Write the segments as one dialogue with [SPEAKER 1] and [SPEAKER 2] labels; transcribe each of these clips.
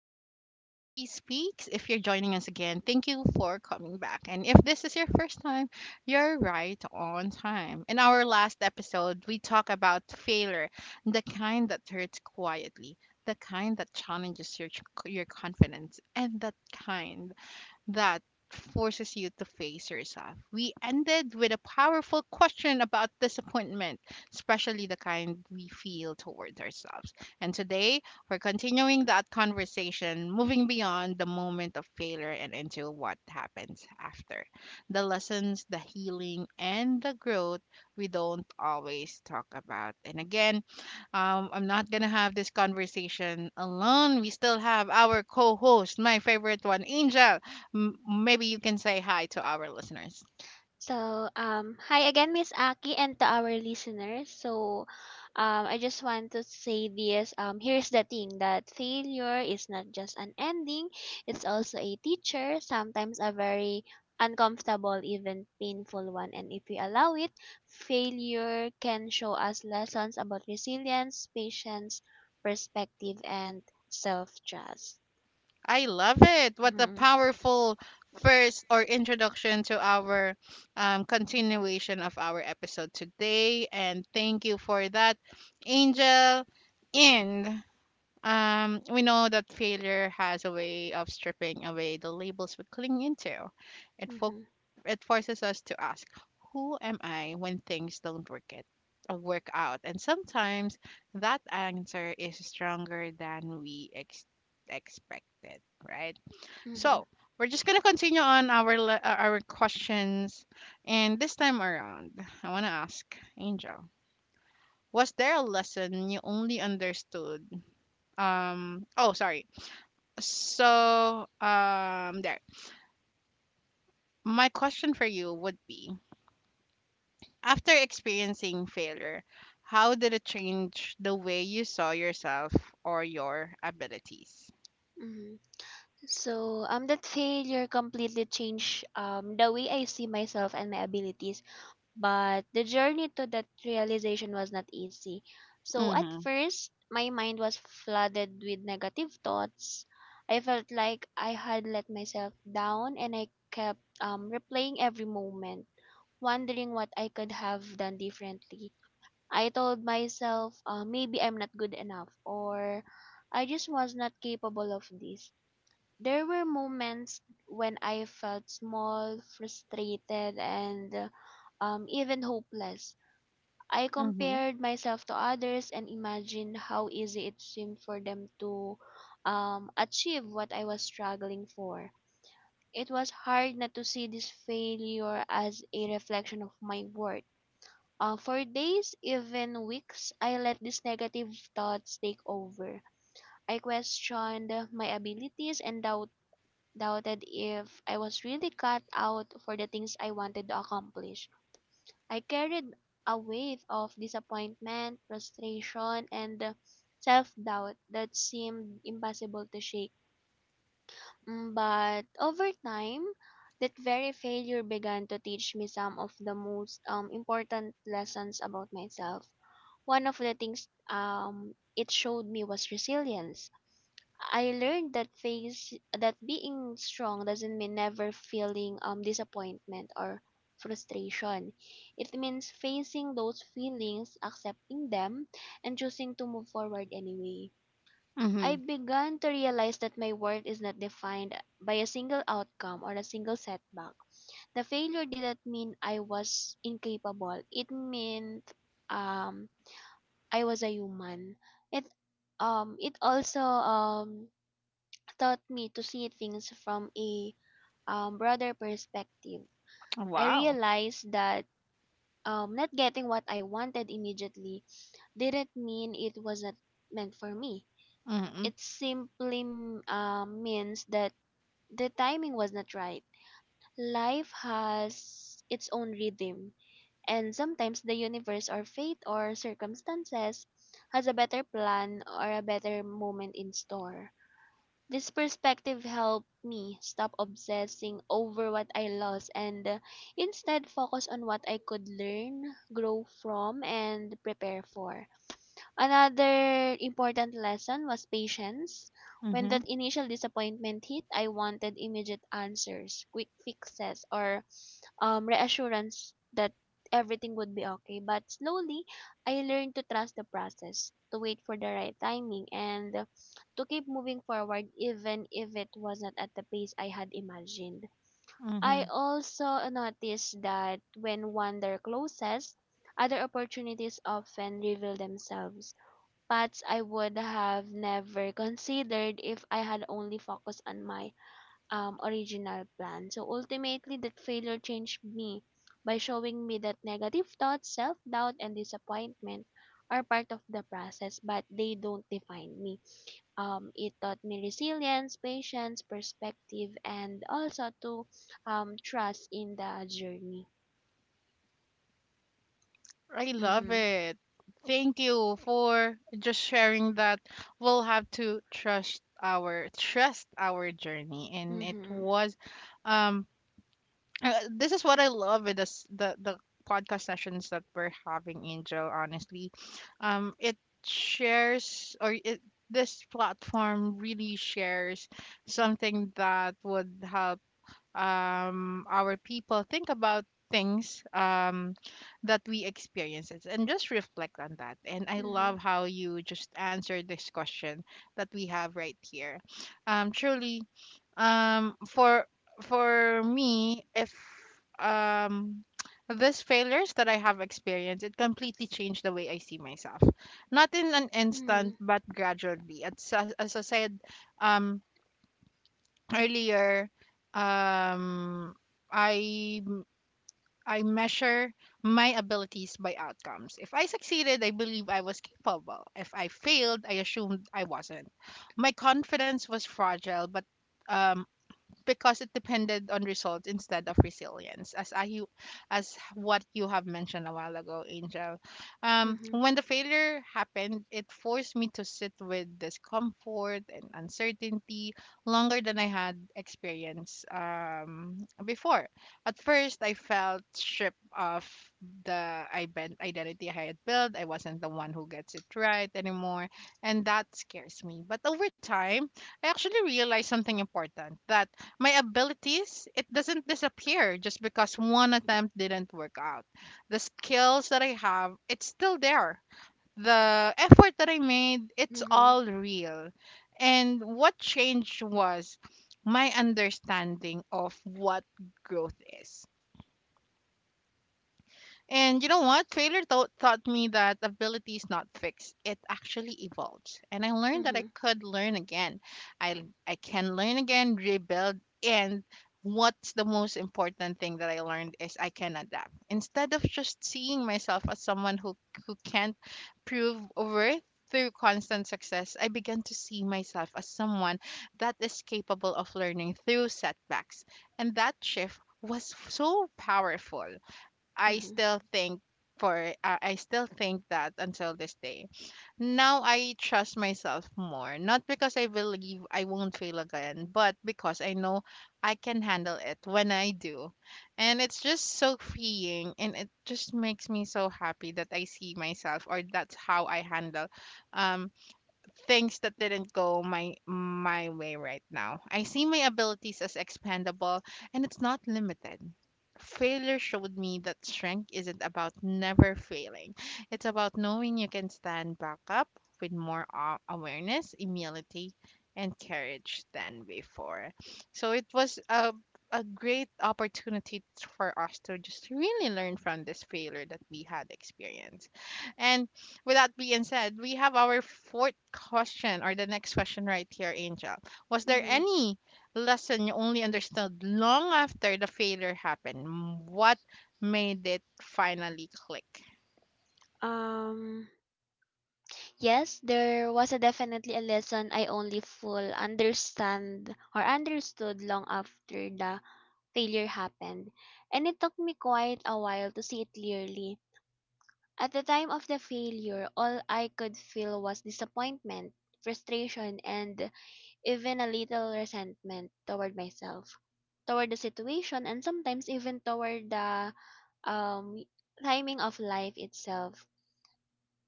[SPEAKER 1] welcome back to Aki Speaks. If you're joining us again, thank you for coming back. And if this is your first time, you're right on time. In our last episode, we talk about failure, the kind that hurts quietly, the kind that challenges your confidence, and that kind that forces you to face yourself. We ended with a powerful question about disappointment, especially the kind we feel towards ourselves. And today, we're continuing that conversation, moving beyond the moment of failure and into what happens after. The lessons, the healing, and the growth we don't always talk about. And again, I'm not gonna have this conversation alone. We still have our co-host, my favorite one, Angel. Maybe you can say hi to our listeners.
[SPEAKER 2] So, hi again, Miss Aki, and to our listeners. I just want to say this. Here's the thing, that failure is not just an ending; it's also a teacher. Sometimes a very uncomfortable, even painful one. And if we allow it, failure can show us lessons about resilience, patience, perspective, and self-trust.
[SPEAKER 1] I love it. What a
[SPEAKER 2] Mm-hmm.
[SPEAKER 1] powerful first or introduction to our continuation of our episode today. And thank you for that, Angel. And We know that failure has a way of stripping away the labels we cling into. It fo-
[SPEAKER 2] Mm-hmm.
[SPEAKER 1] it forces us to ask, "Who am I?" when things don't work out, and sometimes that answer is stronger than we expected. Right.
[SPEAKER 2] Mm-hmm.
[SPEAKER 1] So we're just gonna continue on our our questions, and this time around, I wanna ask Angel, was there a lesson you only understood? Oh, sorry, so, there. My question for you would be, after experiencing failure, how did it change the way you saw yourself or your abilities?
[SPEAKER 2] Mm-hmm. That failure completely changed the way I see myself and my abilities. But the journey to that realization was not easy. So at
[SPEAKER 1] Mhm.
[SPEAKER 2] first, my mind was flooded with negative thoughts. I felt like I had let myself down, and I kept replaying every moment, wondering what I could have done differently. I told myself, maybe I'm not good enough, or I just was not capable of this. There were moments when I felt small, frustrated, and even hopeless. I
[SPEAKER 1] Mhm.
[SPEAKER 2] compared myself to others and imagined how easy it seemed for them to achieve what I was struggling for. It was hard not to see this failure as a reflection of my worth. For days, even weeks, I let these negative thoughts take over. I questioned my abilities and doubted if I was really cut out for the things I wanted to accomplish. I carried a weight of disappointment, frustration, and self doubt that seemed impossible to shake. But over time, that very failure began to teach me some of the most important lessons about myself. One of the things it showed me was resilience. I learned that face that being strong doesn't mean never feeling disappointment or frustration. It means facing those feelings, accepting them, and choosing to move forward anyway. I
[SPEAKER 1] Mhm.
[SPEAKER 2] began to realize that my worth is not defined by a single outcome or a single setback. The failure didn't mean I was incapable. It meant um I was a human. It it also taught me to see things from a broader perspective. I
[SPEAKER 1] Wow.
[SPEAKER 2] realized that not getting what I wanted immediately didn't mean it wasn't meant for me.
[SPEAKER 1] Mhm.
[SPEAKER 2] It simply means that the timing was not right. Life has its own rhythm, and sometimes the universe or fate or circumstances has a better plan or a better moment in store. This perspective helped me stop obsessing over what I lost and instead focus on what I could learn, grow from, and prepare for. Another important lesson was patience. When
[SPEAKER 1] Mhm.
[SPEAKER 2] that initial disappointment hit, I wanted immediate answers, quick fixes, or reassurance that everything would be okay. But slowly, I learned to trust the process, to wait for the right timing, and to keep moving forward even if it was not at the pace I had imagined. I
[SPEAKER 1] Mhm.
[SPEAKER 2] also noticed that when one door closes, other opportunities often reveal themselves. Paths I would have never considered if I had only focused on my original plan. So ultimately, that failure changed me by showing me that negative thoughts, self doubt, and disappointment are part of the process, but they don't define me. It taught me resilience, patience, perspective, and also to trust in the journey.
[SPEAKER 1] I love
[SPEAKER 2] Mm-hmm.
[SPEAKER 1] it. Thank you for just sharing that. We'll have to trust our journey, and it
[SPEAKER 2] Mm-hmm.
[SPEAKER 1] was, um, this is what I love with this the podcast sessions that we're having, Angel. Honestly, it shares or it this platform really shares something that would help our people think about things that we experiences and just reflect on that. And I
[SPEAKER 2] Mm-hmm.
[SPEAKER 1] love how you just answered this question that we have right here. Truly, for me, if um, these failures that I have experienced, it completely changed the way I see myself. Not in an instant, but gradually. As I said, um, earlier, um i I measure my abilities by outcomes. If I succeeded, I believe I was capable. If I failed, I assumed I wasn't. My confidence was fragile, but um, because it depended on results instead of resilience. As I you as what you have mentioned a while ago, Angel,
[SPEAKER 2] Mm-hmm. Mm-hmm.
[SPEAKER 1] when the failure happened, it forced me to sit with discomfort and uncertainty longer than I had experienced before. At first, I felt stripped of the identity I had built. I wasn't the one who gets it right anymore, and that scares me. But over time, I actually realized something important, that my abilities it doesn't disappear just because one attempt didn't work out. The skills that I have, it's still there. The effort that I made, it's
[SPEAKER 2] Mm-hmm.
[SPEAKER 1] all real. And what changed was my understanding of what growth is. And you know what? Failure taught me that ability is not fixed. It actually evolves. And I learned that I
[SPEAKER 2] Mm-hmm.
[SPEAKER 1] could learn again. I can learn again, rebuild, and what's the most important thing that I learned is I can adapt. Instead of just seeing myself as someone who can't prove worth through constant success, I began to see myself as someone that is capable of learning through setbacks. And that shift was so powerful. I
[SPEAKER 2] Mm-hmm.
[SPEAKER 1] still think I still think that until this day. Now I trust myself more, not because I believe I won't fail again, but because I know I can handle it when I do. And it's just so freeing, and it just makes me so happy that I see myself, or that's how I handle um things that didn't go my way right now. I see my abilities as expandable, and it's not limited. Failure showed me that strength isn't about never failing. It's about knowing you can stand back up with more awareness, humility, and courage than before. So it was a great opportunity for us to just really learn from this failure that we had experienced. And with that being said, we have our fourth question or the next question right here, Angel. Was there
[SPEAKER 2] Mm-hmm.
[SPEAKER 1] any lesson you only understood long after the failure happened? What made it finally click?
[SPEAKER 2] Um. Yes, there was a definitely a lesson I only full understand or understood long after the failure happened, and it took me quite a while to see it clearly. At the time of the failure, all I could feel was disappointment, frustration, and even a little resentment toward myself, toward the situation, and sometimes even toward the um, timing of life itself.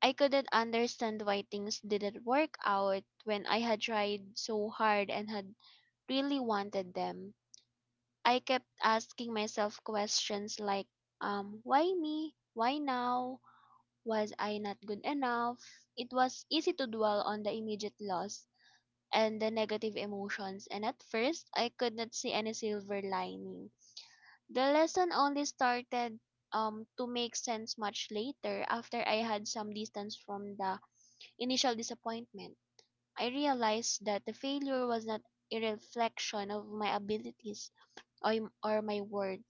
[SPEAKER 2] I couldn't understand why things didn't work out when I had tried so hard and had really wanted them. I kept asking myself questions like, why me? Why now? Was I not good enough? It was easy to dwell on the immediate loss and the negative emotions, and at first I could not see any silver lining. The lesson only started to make sense much later. After I had some distance from the initial disappointment, I realized that the failure was not a reflection of my abilities or my worth.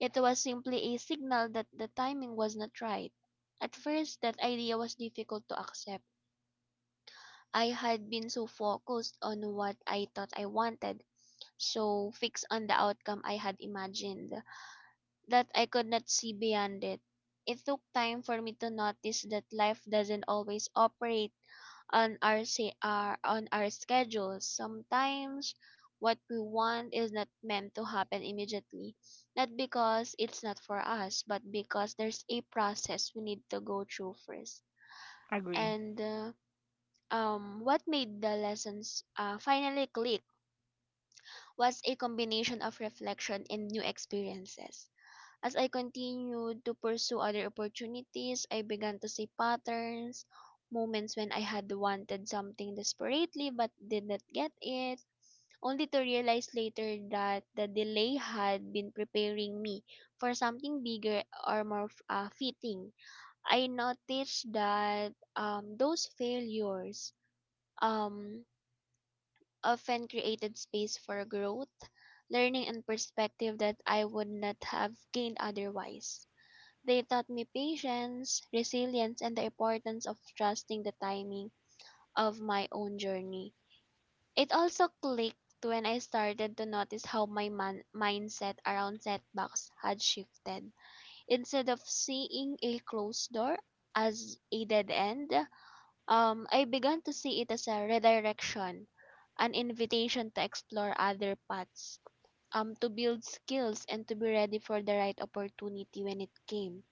[SPEAKER 2] It was simply a signal that the timing was not right. At first, that idea was difficult to accept. I had been so focused on what I thought I wanted, so fixed on the outcome I had imagined, that I could not see beyond it. It took time for me to notice that life doesn't always operate on our schedules. Sometimes what we want is not meant to happen immediately, not because it's not for us, but because there's a process we need to go through first.
[SPEAKER 1] Agree.
[SPEAKER 2] And What made the lessons finally click was a combination of reflection and new experiences. As I continued to pursue other opportunities, I began to see patterns, moments when I had wanted something desperately but did not get it, only to realize later that the delay had been preparing me for something bigger or more fitting. I noticed that those failures um, often created space for growth, learning, and perspective that I would not have gained otherwise. They taught me patience, resilience, and the importance of trusting the timing of my own journey. It also clicked when I started to notice how my mindset around setbacks had shifted. Instead of seeing a closed door as a dead end, I began to see it as a redirection, an invitation to explore other paths, to build skills, and to be ready for the right opportunity when it came.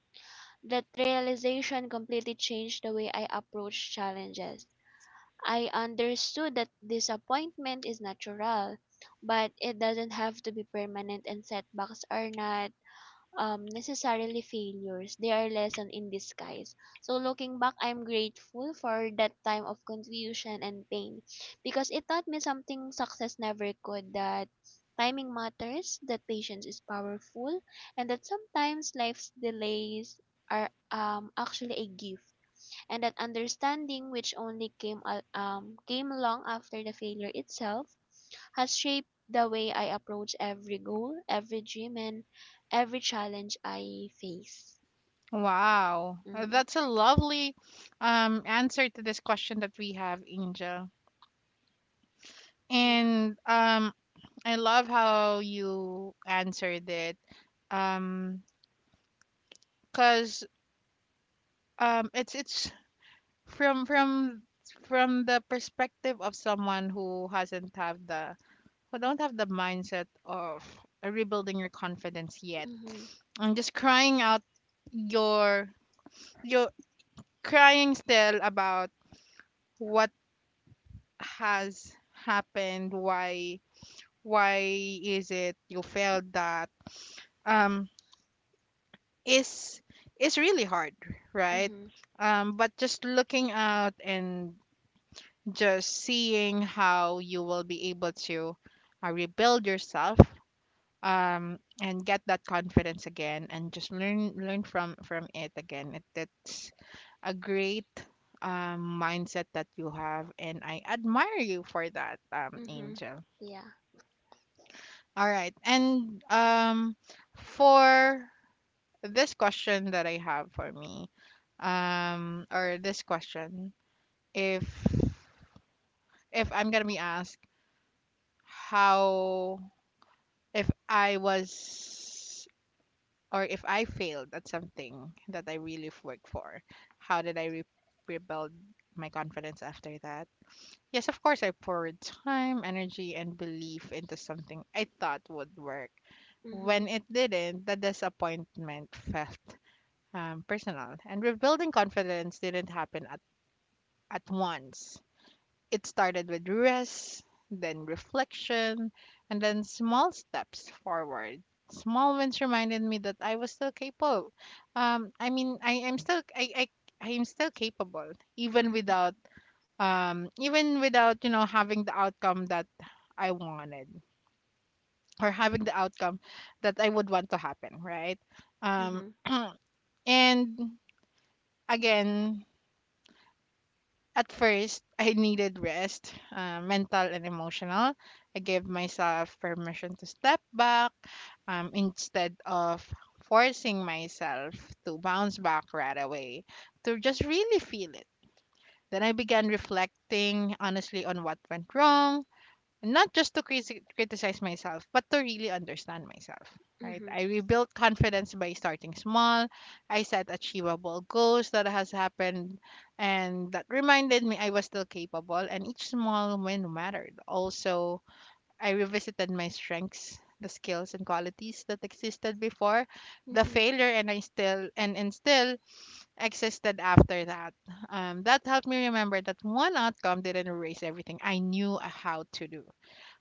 [SPEAKER 2] That realization completely changed the way I approach challenges. I understood that disappointment is natural, but it doesn't have to be permanent, and setbacks are not necessarily failures. They are lessons in disguise. So looking back, I'm grateful for that time of confusion and pain, because it taught me something success never could: that timing matters, that patience is powerful, and that sometimes life's delays are actually a gift. And that understanding, which only came came long after the failure itself, has shaped the way I approach every goal, every dream, and every challenge I face.
[SPEAKER 1] Wow.
[SPEAKER 2] Mm-mm.
[SPEAKER 1] That's a lovely answer to this question that we have, Angel.
[SPEAKER 2] Yeah.
[SPEAKER 1] And I love how you answered it. Um, because it's from from from the perspective of someone who hasn't have the who don't have the mindset of rebuilding your confidence yet,
[SPEAKER 2] Mhm.
[SPEAKER 1] and just crying out your your crying still about what has happened, why why is it you failed, that um is is really hard, right?
[SPEAKER 2] Mhm.
[SPEAKER 1] But just looking out and just seeing how you will be able to rebuild yourself, and get that confidence again, and just learn from it again, it, it's a great mindset that you have, and I admire you for that,
[SPEAKER 2] Mhm.
[SPEAKER 1] Angel.
[SPEAKER 2] Yeah.
[SPEAKER 1] All right, and for this question that I have for me, or this question, if if I'm gonna be asked, how if I was or if I failed at something that I really worked for, how did I rebuild my confidence after that? Yes, of course, I poured time, energy, and belief into something I thought would work.
[SPEAKER 2] Mhm.
[SPEAKER 1] When it didn't, the disappointment felt personal, and rebuilding confidence didn't happen at once. It started with rest, then reflection, and then small steps forward. Small wins reminded me that I was still capable. Um, I mean, I am still I, I I am still capable, even
[SPEAKER 2] Mhm.
[SPEAKER 1] without even without, you know, having the outcome that I wanted, or having the outcome that I would want to happen, right? Um,
[SPEAKER 2] Mhm.
[SPEAKER 1] and again At first, I needed rest, mental and emotional. I gave myself permission to step back instead of forcing myself to bounce back right away, to just really feel it. Then I began reflecting honestly on what went wrong, not just to criticize myself, but to really understand myself, right?
[SPEAKER 2] Mhm.
[SPEAKER 1] I rebuilt confidence by starting small. I set achievable goals that has happened, and that reminded me I was still capable, and each small win mattered. Also, I revisited my strengths, the skills and qualities that existed before the
[SPEAKER 2] Mhm.
[SPEAKER 1] failure, and still existed after that. That helped me remember that one outcome didn't erase everything I knew how to do.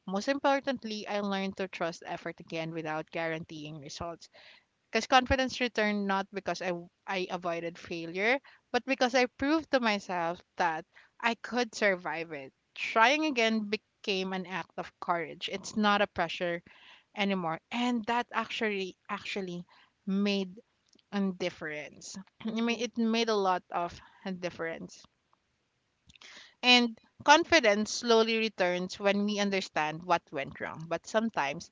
[SPEAKER 1] Most importantly, I learned to trust effort again without guaranteeing results. Because confidence returned not because I avoided failure, but because I proved to myself that I could survive it. Trying again became an act of courage. It's not a pressure anymore. And that actually made a difference. I mean,
[SPEAKER 2] Mhm.
[SPEAKER 1] it made a lot of a difference. And confidence slowly returns when we understand what went wrong, but sometimes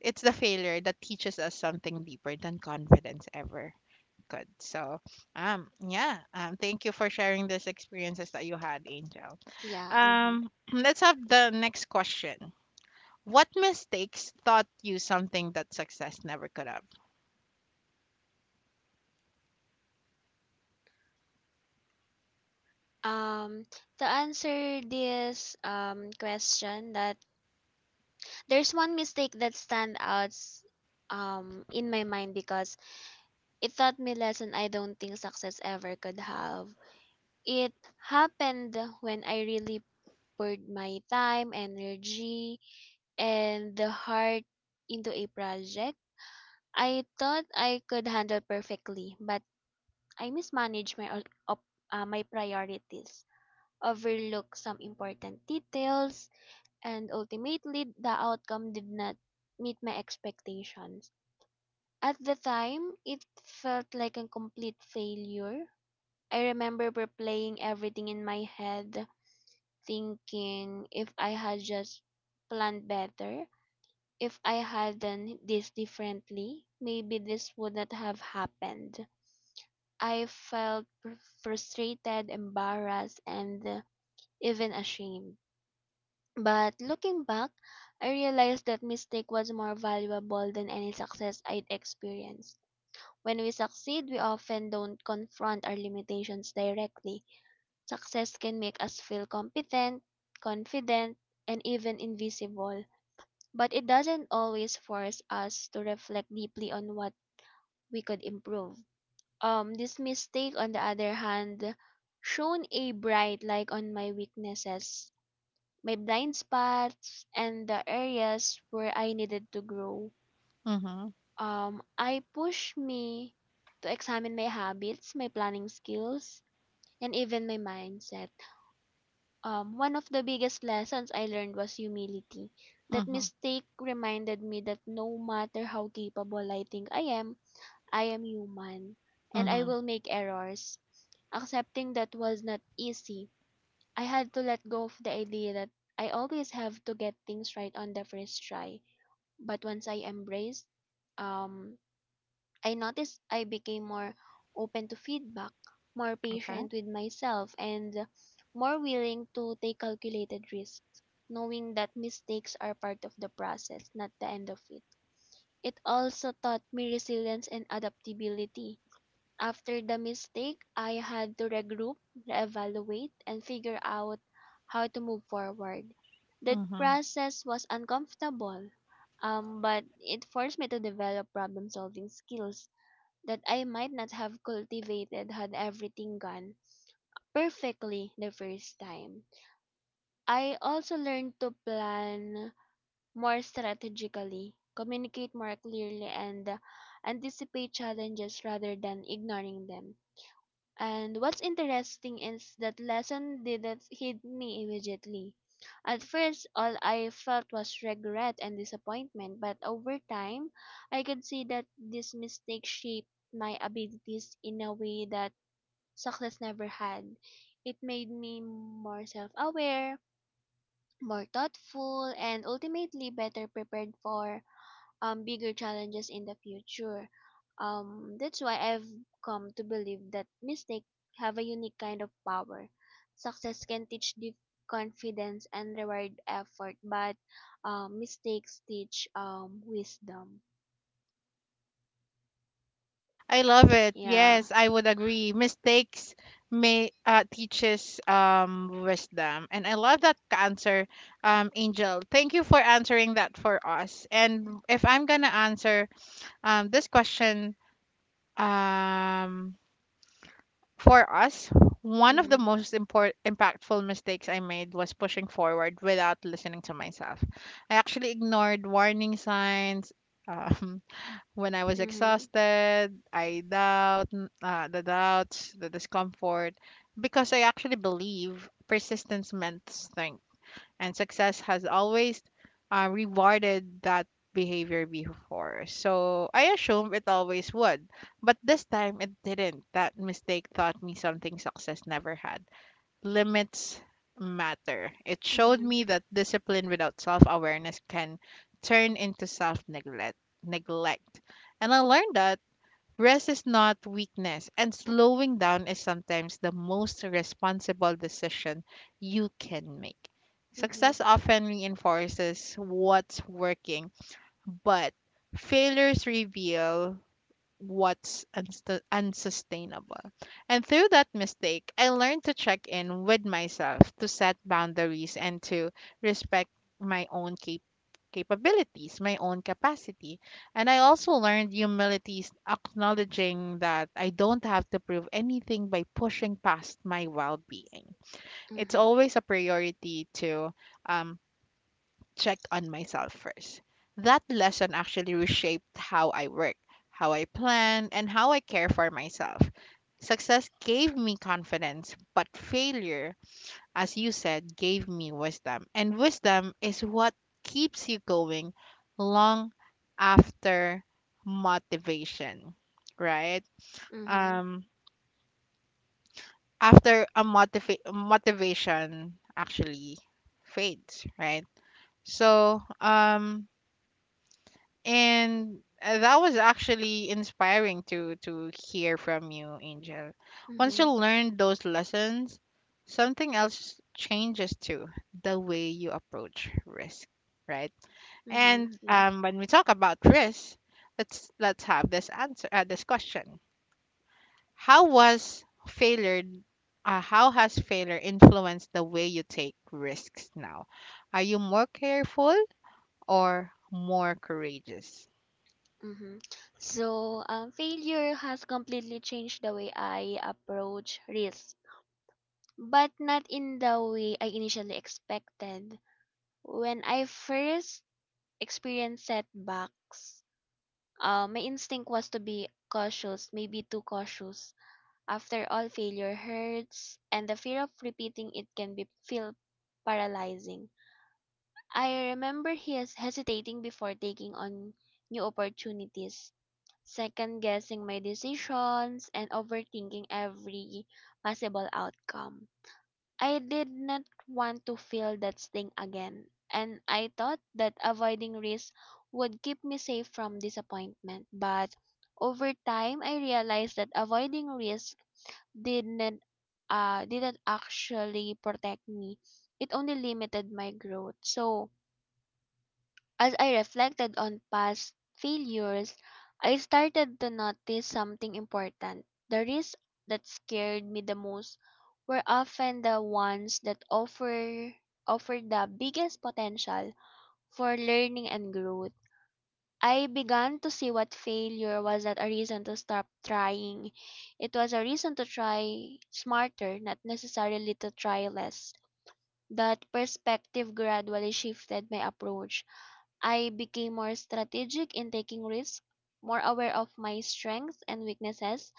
[SPEAKER 1] it's the failure that teaches us something deeper than confidence ever could. So, yeah, thank you for sharing these experiences that you had, Angel.
[SPEAKER 2] Yeah. Mhm.
[SPEAKER 1] Let's have the next question. What mistakes taught you something that success never could have?
[SPEAKER 2] Um. To answer this question, that there's one mistake that stand out in my mind because it taught me lesson I don't think success ever could have. It happened when I really poured my time, energy, and the heart into a project I thought I could handle perfectly, but I mismanaged my priorities, overlooked some important details, and ultimately the outcome did not meet my expectations. At the time, it felt like a complete failure. I remember replaying everything in my head, thinking if I had just planned better, if I had done this differently, maybe this would not have happened. I felt frustrated, embarrassed, and even ashamed. But looking back, I realized that mistake was more valuable than any success I'd experienced. When we succeed, we often don't confront our limitations directly. Success can make us feel competent, confident, and even invisible, but it doesn't always force us to reflect deeply on what we could improve. This mistake, on the other hand, shone a bright light on my weaknesses, my blind spots, and the areas where I needed to grow.
[SPEAKER 1] Mm-hmm.
[SPEAKER 2] I pushed me to examine my habits, my planning skills, and even my mindset. One of the biggest lessons I learned was humility. That
[SPEAKER 1] Mm-hmm.
[SPEAKER 2] mistake reminded me that no matter how capable I think I am human and I
[SPEAKER 1] Mm-hmm.
[SPEAKER 2] will make errors. Accepting that was not easy. I had to let go of the idea that I always have to get things right on the first try. But once I embraced um, I noticed I became more open to feedback, more
[SPEAKER 1] Okay.
[SPEAKER 2] patient with myself, and more willing to take calculated risks, knowing that mistakes are part of the process, not the end of it. It also taught me resilience and adaptability. After the mistake, I had to regroup, reevaluate, and figure out how to move forward. That
[SPEAKER 1] Mm-hmm.
[SPEAKER 2] process was uncomfortable, but it forced me to develop problem solving skills that I might not have cultivated had everything gone perfectly the first time. I also learned to plan more strategically, communicate more clearly, and anticipate challenges rather than ignoring them. And what's interesting is that lesson didn't hit me immediately. At first, all I felt was regret and disappointment, but over time, I could see that this mistake shaped my abilities in a way that chocolates never had. It made me more self-aware, more thoughtful, and ultimately better prepared for bigger challenges in the future. That's why I've come to believe that mistakes have a unique kind of power. Success can teach the confidence and reward effort, but mistakes teach wisdom.
[SPEAKER 1] I love it.
[SPEAKER 2] Yeah.
[SPEAKER 1] Yes, I would agree. Mistakes may teaches wisdom, and I love that answer, Angel. Thank you for answering that for us. And if I'm gonna answer this question um for us, one of the
[SPEAKER 2] Mm-hmm.
[SPEAKER 1] most important impactful mistakes I made was pushing forward without listening to myself. I actually ignored warning signs. Um, When I was
[SPEAKER 2] Mm-hmm.
[SPEAKER 1] exhausted, the doubts, the discomfort, because I actually believe persistence meant strength, and success has always rewarded that behavior before. So I assume it always would, but this time it didn't. That mistake taught me something success never had. Limits matter. It showed
[SPEAKER 2] Mm-hmm.
[SPEAKER 1] me that discipline without self awareness can turn into self neglect. Neglect, and I learned that rest is not weakness, and slowing down is sometimes the most responsible decision you can make.
[SPEAKER 2] Mm-hmm.
[SPEAKER 1] Success often reinforces what's working, but failures reveal what's unsustainable. And through that mistake, I learned to check in with myself, to set boundaries, and to respect my own capabilities, my own capacity. And I also learned humility, is acknowledging that I don't have to prove anything by pushing past my well being. It's
[SPEAKER 2] Mm-hmm.
[SPEAKER 1] always a priority to um, check on myself first. That lesson actually reshaped how I work, how I plan, and how I care for myself. Success gave me confidence, but failure, as you said, gave me wisdom. And wisdom is what keeps you going long after motivation, right?
[SPEAKER 2] Mm-hmm.
[SPEAKER 1] Um, after motivation actually fades, right? So, And that was actually inspiring to hear from you, Angel. Once
[SPEAKER 2] Mm-hmm.
[SPEAKER 1] you learn those lessons, something else changes too, the way you approach risk, right?
[SPEAKER 2] Mm-hmm.
[SPEAKER 1] And
[SPEAKER 2] Yeah.
[SPEAKER 1] when we talk about risk, let's have this answer this question. How was failure how has failure influenced the way you take risks now? Are you more careful or more courageous?
[SPEAKER 2] hmm So, failure has completely changed the way I approach risk, but not in the way I initially expected. When I first experienced setbacks, my instinct was to be cautious, maybe too cautious. After all, failure hurts, and the fear of repeating it can be feel paralyzing. I remember he is hesitating before taking on new opportunities, second guessing my decisions, and overthinking every possible outcome. I did not want to feel that sting again, and I thought that avoiding risk would keep me safe from disappointment. But over time, I realized that avoiding risk didn't didn't actually protect me. It only limited my growth. So, as I reflected on past failures, I started to notice something important. The risks that scared me the most were often the ones that offered the biggest potential for learning and growth. I began to see what failure was not a reason to stop trying. It was a reason to try smarter, not necessarily to try less. That perspective gradually shifted my approach. I became more strategic in taking risks, more aware of my strengths and weaknesses,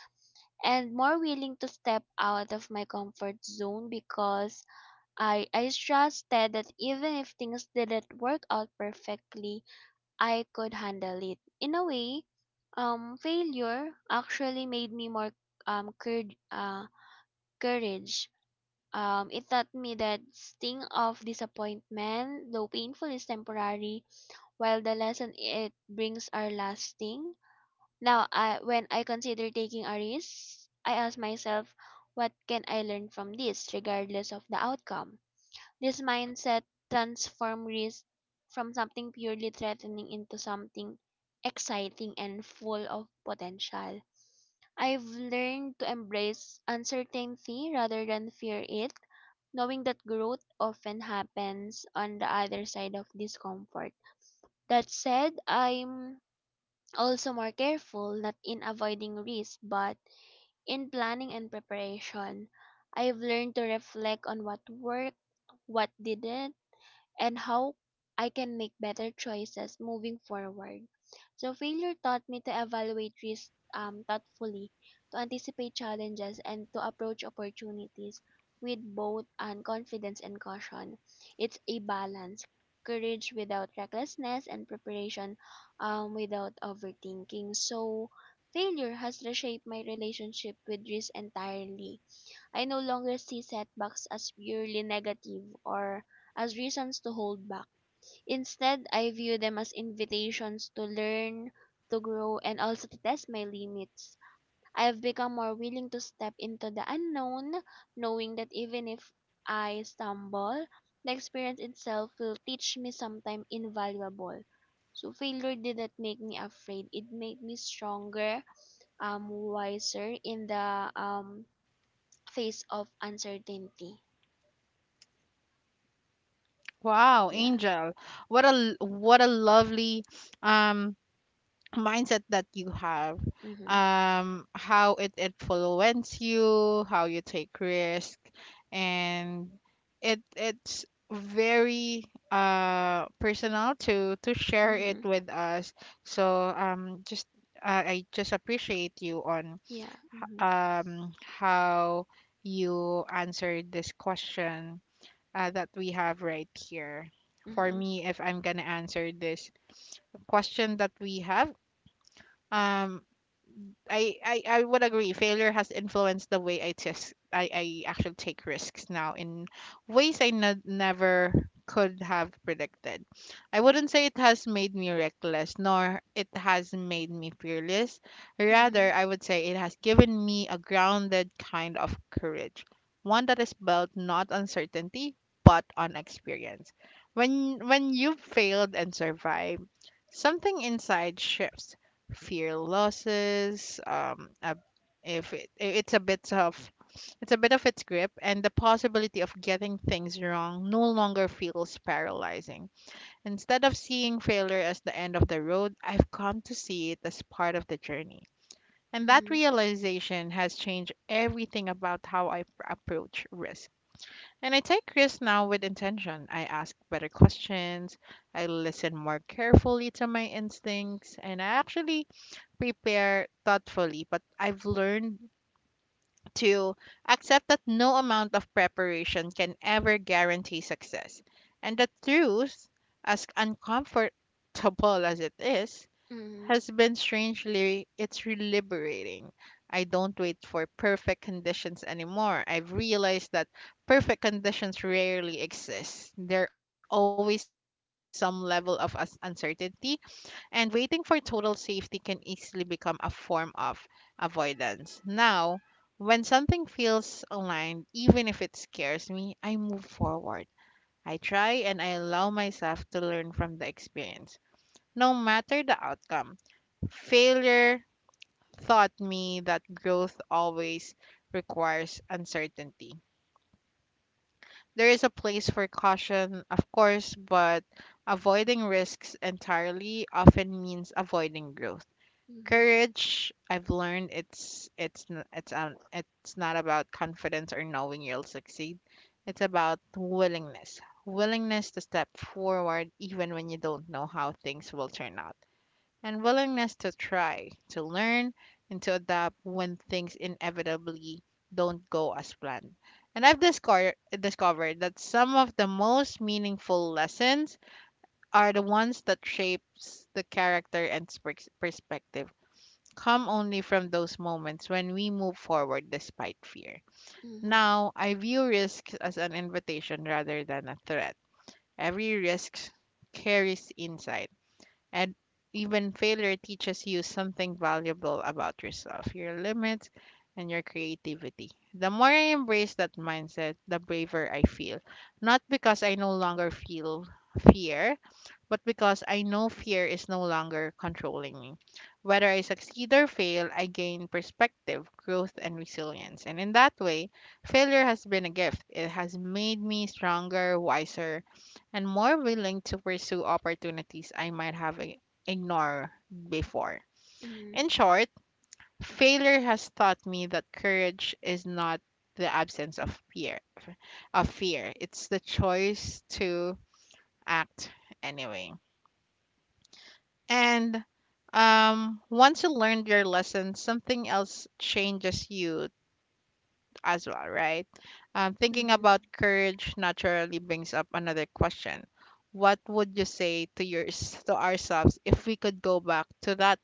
[SPEAKER 2] and more willing to step out of my comfort zone because I trusted that even if things didn't work out perfectly, I could handle it. In a way, failure actually made me more um, cour- uh, courage. It taught me that sting of disappointment, though painful, is temporary while the lesson it brings are lasting. Now, when I consider taking a risk, I ask myself, what can I learn from this, regardless of the outcome? This mindset transforms risk from something purely threatening into something exciting and full of potential. I've learned to embrace uncertainty rather than fear it, knowing that growth often happens on the other side of discomfort. That said, I'm also more careful, not in avoiding risk, but in planning and preparation. I've learned to reflect on what worked, what didn't, and how I can make better choices moving forward. So failure taught me to evaluate risk thoughtfully, to anticipate challenges, and to approach opportunities with both confidence and caution. It's a balance, courage without recklessness, and preparation without overthinking. So failure has reshaped my relationship with risk entirely. I no longer see setbacks as purely negative or as reasons to hold back. Instead, I view them as invitations to learn, to grow, and also to test my limits. I have become more willing to step into the unknown, knowing that even if I stumble, the experience itself will teach me something invaluable. So failure didn't make me afraid. It made me stronger, wiser in the phase of uncertainty.
[SPEAKER 1] Wow,
[SPEAKER 2] Yeah.
[SPEAKER 1] Angel. What a lovely um mindset that you have.
[SPEAKER 2] Mhm.
[SPEAKER 1] Um, how it influences you, how you take risk and it's very personal to share it
[SPEAKER 2] Mhm.
[SPEAKER 1] with us. So just I just appreciate you on
[SPEAKER 2] Yeah. Mhm.
[SPEAKER 1] um, how you answered this question that we have right here. For
[SPEAKER 2] Mhm.
[SPEAKER 1] me, if I'm gonna answer this question that we have, um, I would agree. Failure has influenced the way I actually take risks now in ways I never could have predicted. I wouldn't say it has made me reckless, nor it has made me fearless. Rather,
[SPEAKER 2] Mhm.
[SPEAKER 1] I would say it has given me a grounded kind of courage, one that is built not on certainty but on experience. When you've failed and survived, something inside shifts. Fear losses a, if it, it's a bit of it's a bit of its grip, and the possibility of getting things wrong no longer feels paralyzing. Instead of seeing failure as the end of the road, I've come to see it as part of the journey, and that
[SPEAKER 2] Mhm.
[SPEAKER 1] realization has changed everything about how I approach risk. And I take risks now with intention. I ask better questions, I listen more carefully to my instincts, and I actually prepare thoughtfully. But I've learned to accept that no amount of preparation can ever guarantee success, and the truth, as uncomfortable as it is,
[SPEAKER 2] Mhm.
[SPEAKER 1] has been strangely liberating. I don't wait for perfect conditions anymore. I've realized that perfect conditions rarely exist. There always some level of uncertainty, and waiting for total safety can easily become a form of avoidance. Now, when something feels aligned, even if it scares me, I move forward. I try, and I allow myself to learn from the experience, no matter the outcome. Failure taught me that growth always requires uncertainty. There is a place for caution, of course, but avoiding risks entirely often means avoiding growth.
[SPEAKER 2] Mhm. Mhm.
[SPEAKER 1] Courage, I've learned, it's n- it's not about confidence or knowing you'll succeed. It's about willingness. Willingness to step forward even when you don't know how things will turn out, and willingness to try, to learn, and to adapt when things inevitably don't go as planned. And I've discovered that some of the most meaningful lessons are the ones that shapes the character and perspective, come only from those moments when we move forward despite fear. Now, I view risks as an invitation rather than a threat. Every risk carries insight, and even failure teaches you something valuable about yourself, your limits, and your creativity. The more I embrace that mindset, the braver I feel. Not because I no longer feel fear, but because I know fear is no longer controlling me. Whether I succeed or fail, I gain perspective, growth, and resilience. And in that way, failure has been a gift. It has made me stronger, wiser, and more willing to pursue opportunities I might have ignored before.
[SPEAKER 2] Mhm.
[SPEAKER 1] In short, failure has taught me that courage is not the absence of fear, of fear. It's the choice to act anyway. And once you learned your lesson, something else changes you as well, right? Thinking
[SPEAKER 2] Mhm.
[SPEAKER 1] about courage naturally brings up another question. What would you say to yours to ourselves if we could go back to that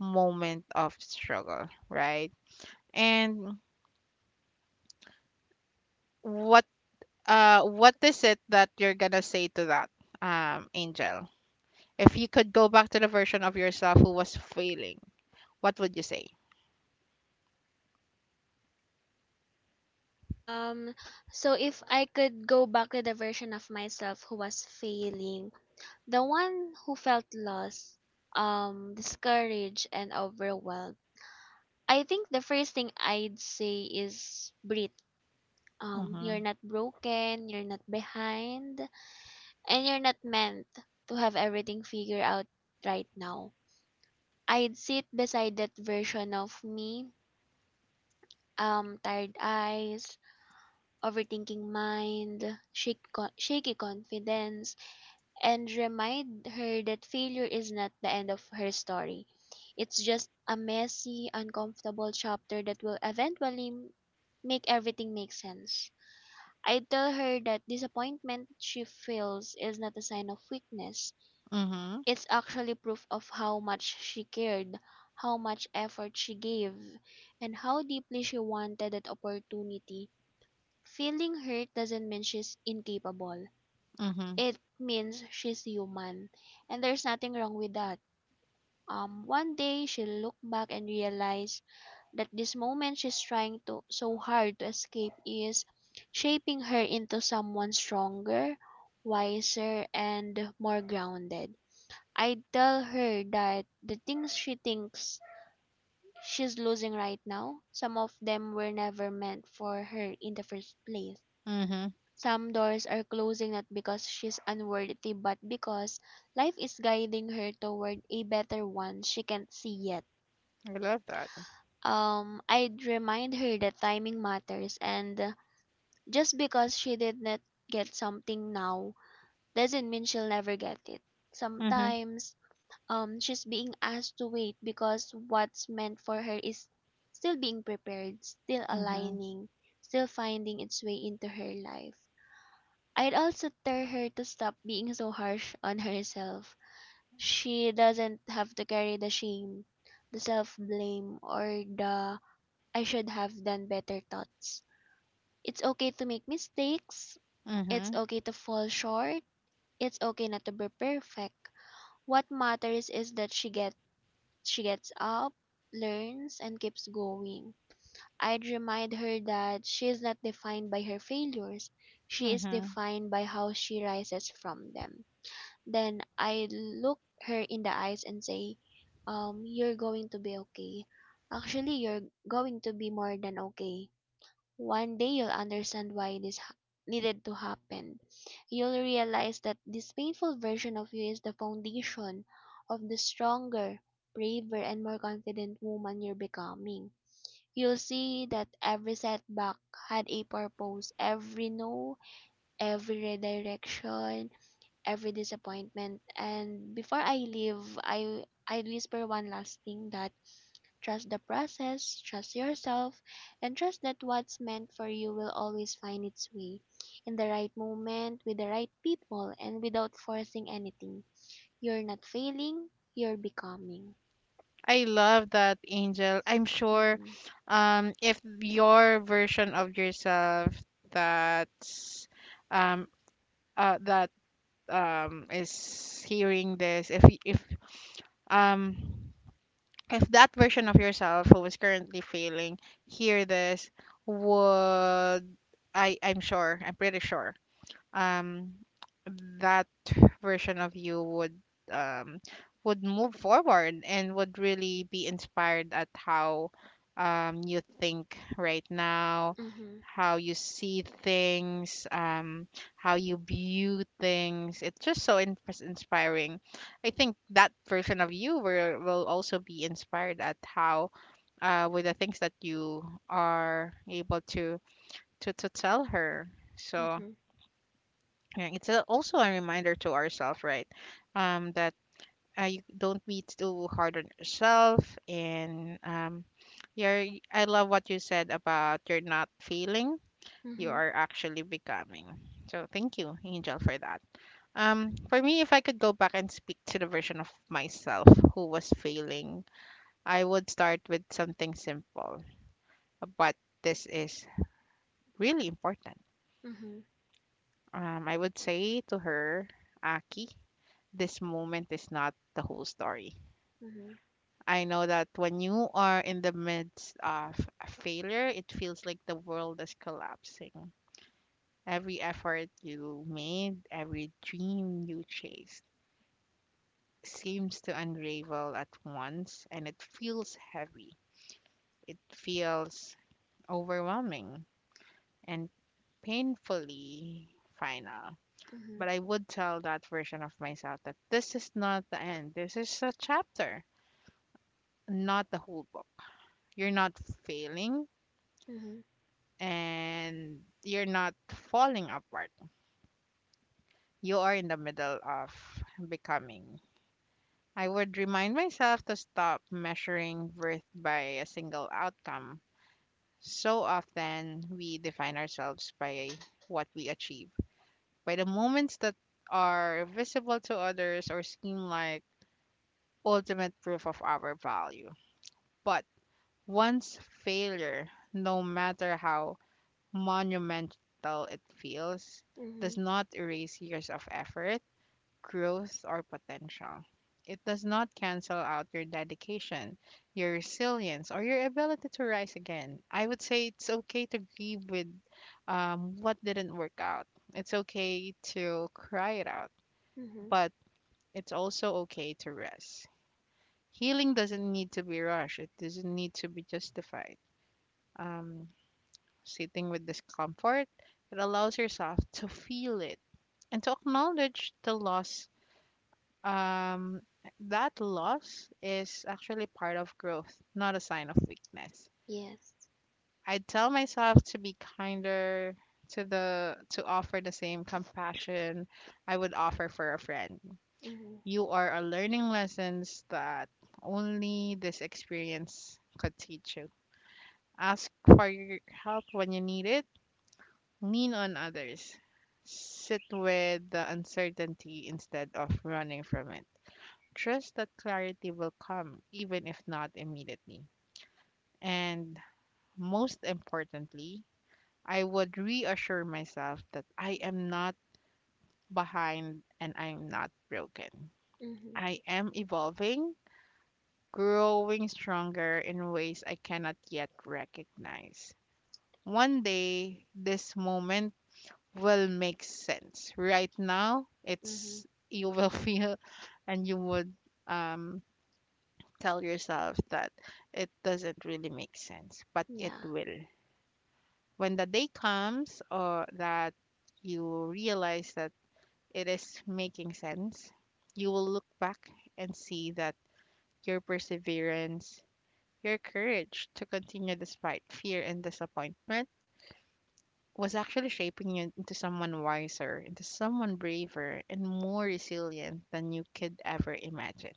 [SPEAKER 1] moment of struggle, right? And what what is it that you're gonna say to that um, angel? If you could go back to the version of yourself who was failing, what would you say?
[SPEAKER 2] Um so if I could go back to the version of myself who was failing, the one who felt lost, discouraged and overwhelmed. I think the first thing I'd say is breathe. You're
[SPEAKER 1] Mhm.
[SPEAKER 2] not broken, you're not behind. And you're not meant to have everything figured out right now. I'd sit beside that version of me, tired eyes, overthinking mind, shaky confidence, and remind her that failure is not the end of her story. It's just a messy, uncomfortable chapter that will make everything make sense. I tell her that disappointment she feels is not a sign of weakness.
[SPEAKER 1] Mhm.
[SPEAKER 2] It's actually proof of how much she cared, how much effort she gave, and how deeply she wanted that opportunity. Feeling hurt doesn't mean she's incapable.
[SPEAKER 1] Mhm.
[SPEAKER 2] It means she's human, and there's nothing wrong with that. One day she'll look back and realize that this moment she's trying to so hard to escape is shaping her into someone stronger, wiser, and more grounded. I tell her that the things she thinks she's losing right now, some of them were never meant for her in the first place.
[SPEAKER 1] Mhm.
[SPEAKER 2] Some doors are closing not because she's unworthy, but because life is guiding her toward a better one she can't see yet.
[SPEAKER 1] I love that.
[SPEAKER 2] I'd remind her that timing matters, and just because she did not get something now doesn't mean she'll never get it.
[SPEAKER 1] Mhm.
[SPEAKER 2] Sometimes she's being asked to wait because what's meant for her is still being prepared, still
[SPEAKER 1] Mhm.
[SPEAKER 2] aligning, still finding its way into her life. I'd also tell her to stop being so harsh on herself. She doesn't have to carry the shame, the self blame, or the "I should have done better" thoughts. It's okay to make mistakes. It's
[SPEAKER 1] Mhm.
[SPEAKER 2] okay to fall short. It's okay not to be perfect. What matters is that she gets up, learns, and keeps going. I'd remind her that she is not defined by her failures, she is
[SPEAKER 1] Mhm.
[SPEAKER 2] defined by how she rises from them. Then I look her in the eyes and say, you're going to be okay. Actually, you're going to be more than okay. One day you'll understand why needed to happen. You'll realize that this painful version of you is the foundation of the stronger, braver, and more confident woman you're becoming. You'll see that every setback had a purpose, every no, every redirection, every disappointment. And before I leave, I'd whisper one last thing: that trust the process, trust yourself, and trust that what's meant for you will always find its way, in the right moment, with the right people, and without forcing anything. You're not failing, you're becoming.
[SPEAKER 1] I love that, Angel. I'm sure
[SPEAKER 2] Mm-hmm.
[SPEAKER 1] if your version of yourself that's um, that is hearing this, if y- if um, if that version of yourself who is currently failing hear this, would I? I'm sure. I'm pretty sure um, that version of you would um, would move forward and would really be inspired at how um, you think right now,
[SPEAKER 2] Mm-hmm.
[SPEAKER 1] how you see things, um, how you view things. It's just so inspiring. I think that version of you will also be inspired at how with the things that you are able to to tell her. So yeah, it's a, also a reminder to ourselves, right? That you don't be too hard on yourself, and you're. I love what you said about you're not failing; you
[SPEAKER 2] Mm-hmm.
[SPEAKER 1] are actually becoming. So thank you, Angel, for that. For me, if I could go back and speak to the version of myself who was failing, I would start with something simple, but this is really important.
[SPEAKER 2] Mm-hmm.
[SPEAKER 1] I would say to her, Aki, this moment is not the whole story.
[SPEAKER 2] Mm-hmm.
[SPEAKER 1] I know that when you are in the midst of a failure, it feels like the world is collapsing. Every effort you made, every dream you chased seems to unravel at once, and it feels heavy. It feels overwhelming and painfully final.
[SPEAKER 2] Mm-hmm.
[SPEAKER 1] But I would tell that version of myself that this is not the end. This is a chapter, not the whole book. You're not failing
[SPEAKER 2] Mm-hmm. Mm-hmm.
[SPEAKER 1] and you're not falling apart. You are in the middle of becoming. I would remind myself to stop measuring worth by a single outcome. So often, we define ourselves by what we achieve, by the moments that are visible to others or seem like ultimate proof of our value. But once failure, no matter how monumental it feels,
[SPEAKER 2] Mm-hmm.
[SPEAKER 1] does not erase years of effort, growth, or potential. It does not cancel out your dedication, your resilience, or your ability to rise again. I would say it's okay to grieve with what didn't work out. It's okay to cry it out,
[SPEAKER 2] Mm-hmm.
[SPEAKER 1] but it's also okay to rest. Healing doesn't need to be rushed, it doesn't need to be justified. Um, Sitting with discomfort, it allows yourself to feel it and to acknowledge the loss. Um, that loss is actually part of growth, not a sign of weakness.
[SPEAKER 2] Yes.
[SPEAKER 1] I tell myself to be kinder, to the to offer the same compassion I would offer for a friend.
[SPEAKER 2] Mm-hmm.
[SPEAKER 1] You are a learning lessons that only this experience could teach you. Ask for your help when you need it. Lean on others. Sit with the uncertainty instead of running from it. Trust that clarity will come, even if not immediately. And most importantly, I would reassure myself that I am not behind and I'm not broken.
[SPEAKER 2] Mm-hmm.
[SPEAKER 1] I am evolving, growing stronger in ways I cannot yet recognize. One day, this moment will make sense. Right now,
[SPEAKER 2] Mm-hmm.
[SPEAKER 1] it's you will feel, and you would um, tell yourself that it doesn't really make sense, but it
[SPEAKER 2] Yeah.
[SPEAKER 1] will. When the day comes or that you realize that it is making sense, you will look back and see that your perseverance, your courage to continue despite fear and disappointment was actually shaping you into someone wiser, into someone braver, and more resilient than you could ever imagine.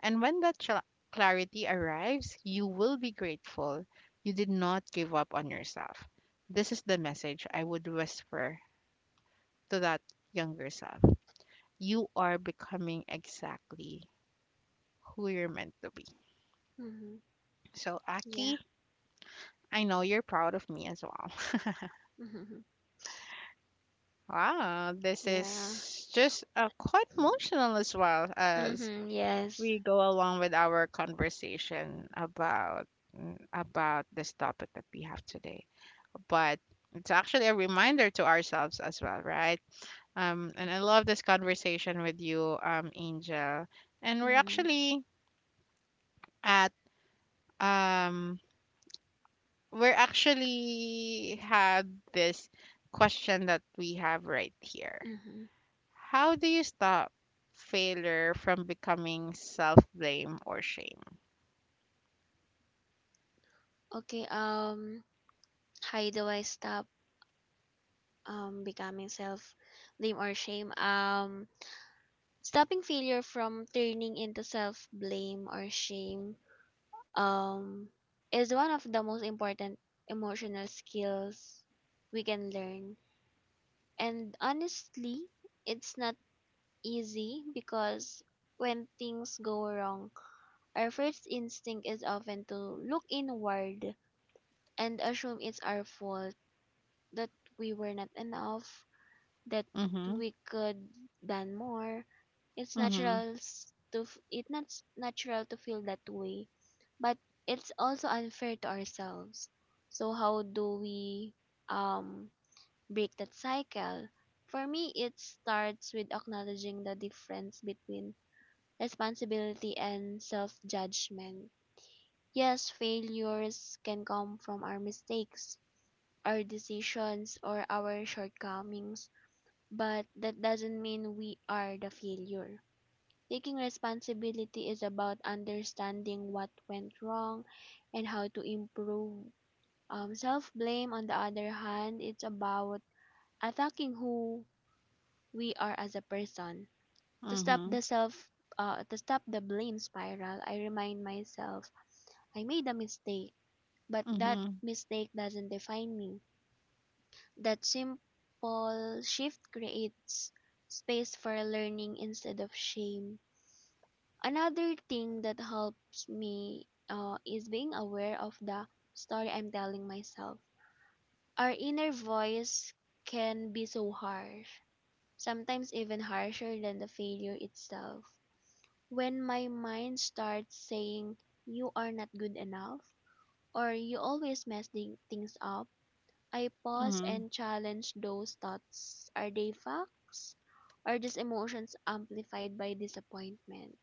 [SPEAKER 1] And when that clarity arrives, you will be grateful you did not give up on yourself. This is the message I would whisper to that younger self. You are becoming exactly who you're meant to be.
[SPEAKER 2] Mm-hmm.
[SPEAKER 1] So,
[SPEAKER 2] Yeah.
[SPEAKER 1] Aki, I know you're proud of me as well.
[SPEAKER 2] Mm-hmm.
[SPEAKER 1] Wow, this
[SPEAKER 2] Yeah.
[SPEAKER 1] is just quite emotional as well as
[SPEAKER 2] Mm-hmm. Yes.
[SPEAKER 1] we go along with our conversation about mm, about this topic that we have today. But it's actually a reminder to ourselves as well, right? And I love this conversation with you, Angel. And we're
[SPEAKER 2] Mm-hmm.
[SPEAKER 1] actually at um, we're actually had this question that we have right here.
[SPEAKER 2] Mm-hmm.
[SPEAKER 1] How do you stop failure from becoming self blame or shame?
[SPEAKER 2] Okay, how do I stop becoming self blame or shame? Stopping failure from turning into self blame or shame um is one of the most important emotional skills we can learn. And honestly, it's not easy because when things go wrong, our first instinct is often to look inward and assume it's our fault, that we were not enough, that
[SPEAKER 1] Mm-hmm.
[SPEAKER 2] we could done more. It's
[SPEAKER 1] Mm-hmm.
[SPEAKER 2] natural s- to f- it's not natural to feel that way, but it's also unfair to ourselves. So how do we um break that cycle? For me, it starts with acknowledging the difference between responsibility and self-judgment. Yes, failures can come from our mistakes, our decisions, or our shortcomings, but that doesn't mean we are the failure. Taking responsibility is about understanding what went wrong and how to improve. Self blame, on the other hand, it's about attacking who we are as a person. To stop
[SPEAKER 1] Mm-hmm.
[SPEAKER 2] the self, to stop the blame spiral, I remind myself I made a mistake, but that
[SPEAKER 1] Mhm.
[SPEAKER 2] mistake doesn't define me. That simple shift creates space for learning instead of shame. Another thing that helps me is being aware of the story I'm telling myself. Our inner voice can be so harsh, sometimes even harsher than the failure itself. When my mind starts saying, "You are not good enough," or "You always mess things up," I pause
[SPEAKER 1] Mhm.
[SPEAKER 2] and challenge those thoughts. Are they facts? Are just emotions amplified by disappointment?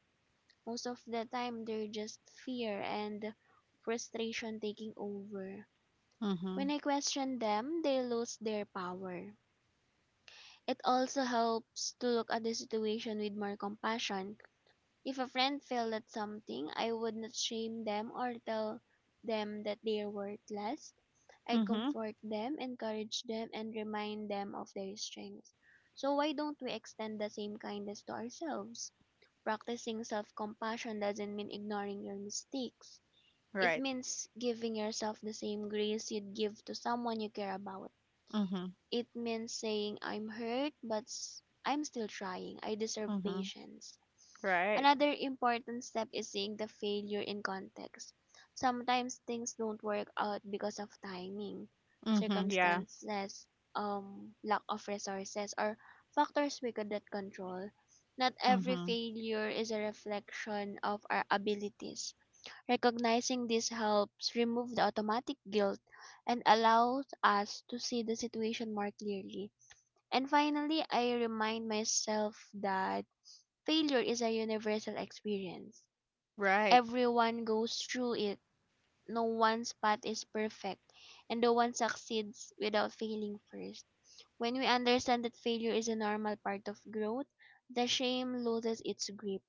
[SPEAKER 2] Most of the time, they're just fear and frustration taking over.
[SPEAKER 1] Mhm.
[SPEAKER 2] When I question them, they lose their power. It also helps to look at the situation with more compassion. If a friend failed at something, I would not shame them or tell them that they are worthless. I
[SPEAKER 1] Mhm.
[SPEAKER 2] comfort them, encourage them, and remind them of their strengths. So why don't we extend the same kindness to ourselves? Practicing self-compassion doesn't mean ignoring your mistakes. It
[SPEAKER 1] Right.
[SPEAKER 2] means giving yourself the same grace you'd give to someone you care about.
[SPEAKER 1] Mhm.
[SPEAKER 2] It means saying, "I'm hurt, but I'm still trying. I deserve
[SPEAKER 1] Mhm.
[SPEAKER 2] patience."
[SPEAKER 1] Right.
[SPEAKER 2] Another important step is seeing the failure in context. Sometimes things don't work out because of timing,
[SPEAKER 1] Mhm. Yeah.
[SPEAKER 2] circumstances, lack of resources, or factors we could not control. Not every
[SPEAKER 1] Mhm.
[SPEAKER 2] failure is a reflection of our abilities. Recognizing this helps remove the automatic guilt and allows us to see the situation more clearly. And finally, I remind myself that failure is a universal experience.
[SPEAKER 1] Right.
[SPEAKER 2] Everyone goes through it. No one's path is perfect, and no one succeeds without failing first. When we understand that failure is a normal part of growth, the shame loses its grip.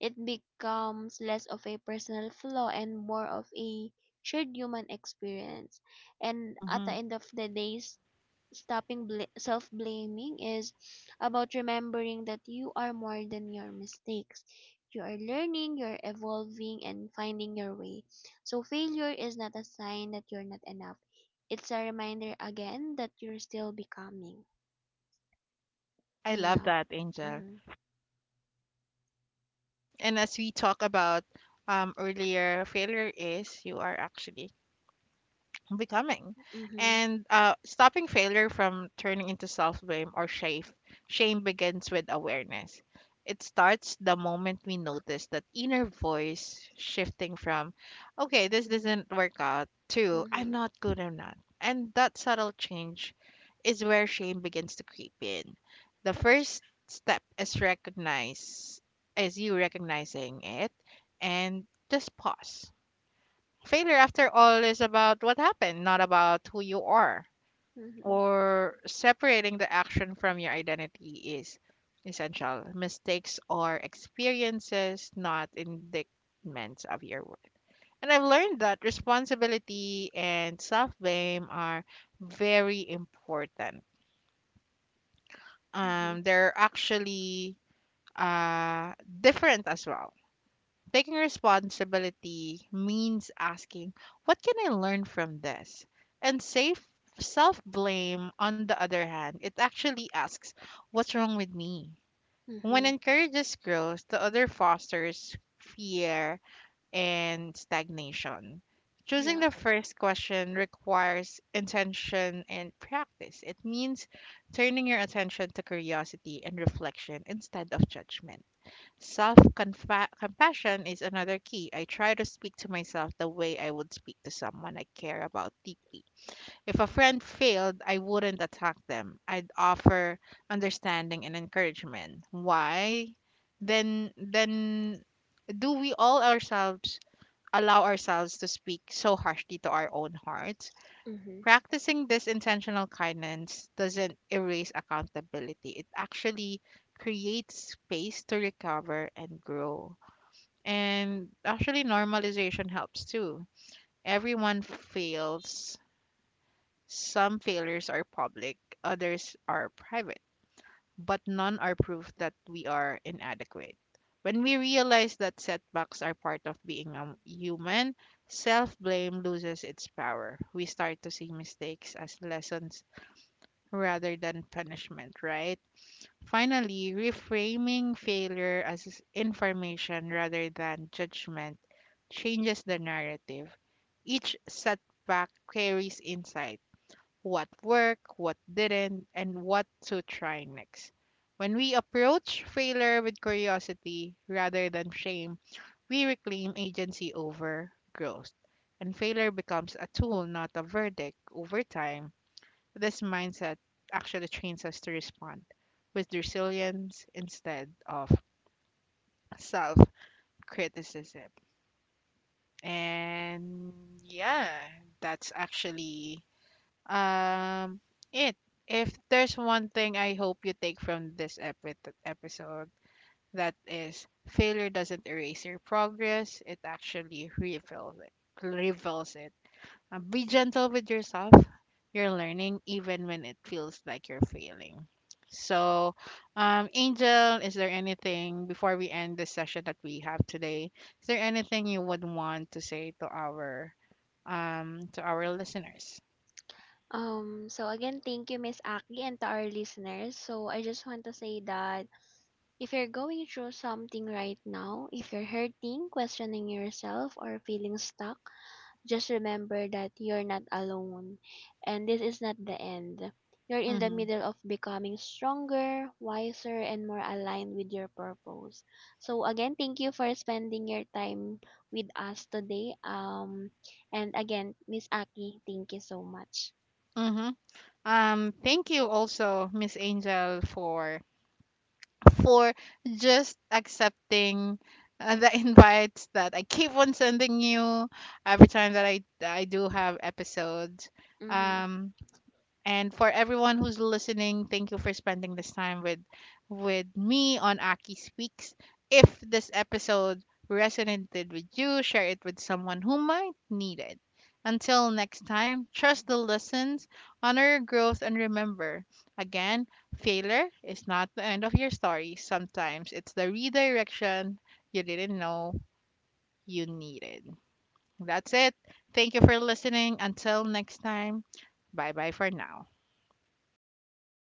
[SPEAKER 2] It becomes less of a personal flaw and more of a shared human experience. And at the
[SPEAKER 1] Mhm.
[SPEAKER 2] end of the day, self blaming is about remembering that you are more than your mistakes. You are learning, you're evolving, and finding your way. So, failure is not a sign that you're not enough. It's a reminder again that you're still becoming.
[SPEAKER 1] I love
[SPEAKER 2] Yeah.
[SPEAKER 1] that, Angel.
[SPEAKER 2] Mhm.
[SPEAKER 1] And as we talk about um, earlier, failure is you are actually becoming,
[SPEAKER 2] Mhm.
[SPEAKER 1] and stopping failure from turning into self-blame or shame begins with awareness. It starts the moment we notice that inner voice shifting from okay, this doesn't work out, to I'm
[SPEAKER 2] Mhm.
[SPEAKER 1] not good enough, and that subtle change is where shame begins to creep in. The first step is recognize, is you recognizing it, and just pause. Failure, after all, is about what happened, not about who you are.
[SPEAKER 2] Mhm.
[SPEAKER 1] Or separating the action from your identity is essential. Mistakes are experiences, not indictments of your worth. And I've learned that responsibility and self blame are very important.
[SPEAKER 2] Mhm.
[SPEAKER 1] They're actually uh, different as well. Taking responsibility means asking, what can I learn from this? And safe self blame, on the other hand, it actually asks, what's wrong with me? When
[SPEAKER 2] Mhm.
[SPEAKER 1] encourages growth, the other fosters fear and stagnation. Choosing
[SPEAKER 2] Yeah.
[SPEAKER 1] the first question requires intention and practice. It means turning your attention to curiosity and reflection instead of judgment. Self compassion is another key. I try to speak to myself the way I would speak to someone I care about deeply. If a friend failed, I wouldn't attack them. I'd offer understanding and encouragement. Why? Then do we all ourselves allow ourselves to speak so harshly to our own hearts?
[SPEAKER 2] Mhm.
[SPEAKER 1] Practicing this intentional kindness doesn't erase accountability. It actually creates space to recover and grow. And actually, normalization helps too. Everyone fails. Some failures are public, others are private, but none are proof that we are inadequate. When we realize that setbacks are part of being a human, self blame loses its power. We start to see mistakes as lessons rather than punishment, right? Finally, reframing failure as information rather than judgment changes the narrative. Each setback carries insight, what worked, what didn't, and what to try next. When we approach failure with curiosity rather than shame, we reclaim agency over growth. And failure becomes a tool, not a verdict. Over time, this mindset actually trains us to respond with resilience instead of self criticism. And yeah, that's actually um, it. If there's one thing I hope you take from this episode, that is failure doesn't erase your progress, it actually reveals it. Reveals it. Be gentle with yourself. You're learning even when it feels like you're failing. So, Angel, is there anything before we end the session that we have today? Is there anything you would want to say to our um, to our listeners?
[SPEAKER 2] So again, thank you, Miss Aki, and to our listeners. So I just want to say that if you're going through something right now, if you're hurting, questioning yourself, or feeling stuck, just remember that you're not alone. And this is not the end. You're in the
[SPEAKER 1] Mm-hmm.
[SPEAKER 2] middle of becoming stronger, wiser, and more aligned with your purpose. So again, thank you for spending your time with us today. And again, Miss Aki, thank you so much.
[SPEAKER 1] Mm-hmm. Thank you also, Miss Angel, for just accepting the invites that I keep on sending you every time that I do have episodes.
[SPEAKER 2] Mm-hmm.
[SPEAKER 1] Um, and for everyone who's listening, thank you for spending this time with me on Aki Speaks. If this episode resonated with you, share it with someone who might need it. Until next time, trust the lessons, honor your growth, and remember again, failure is not the end of your story. Sometimes it's the redirection you didn't know you needed. That's it. Thank you for listening. Until next time, bye bye for now.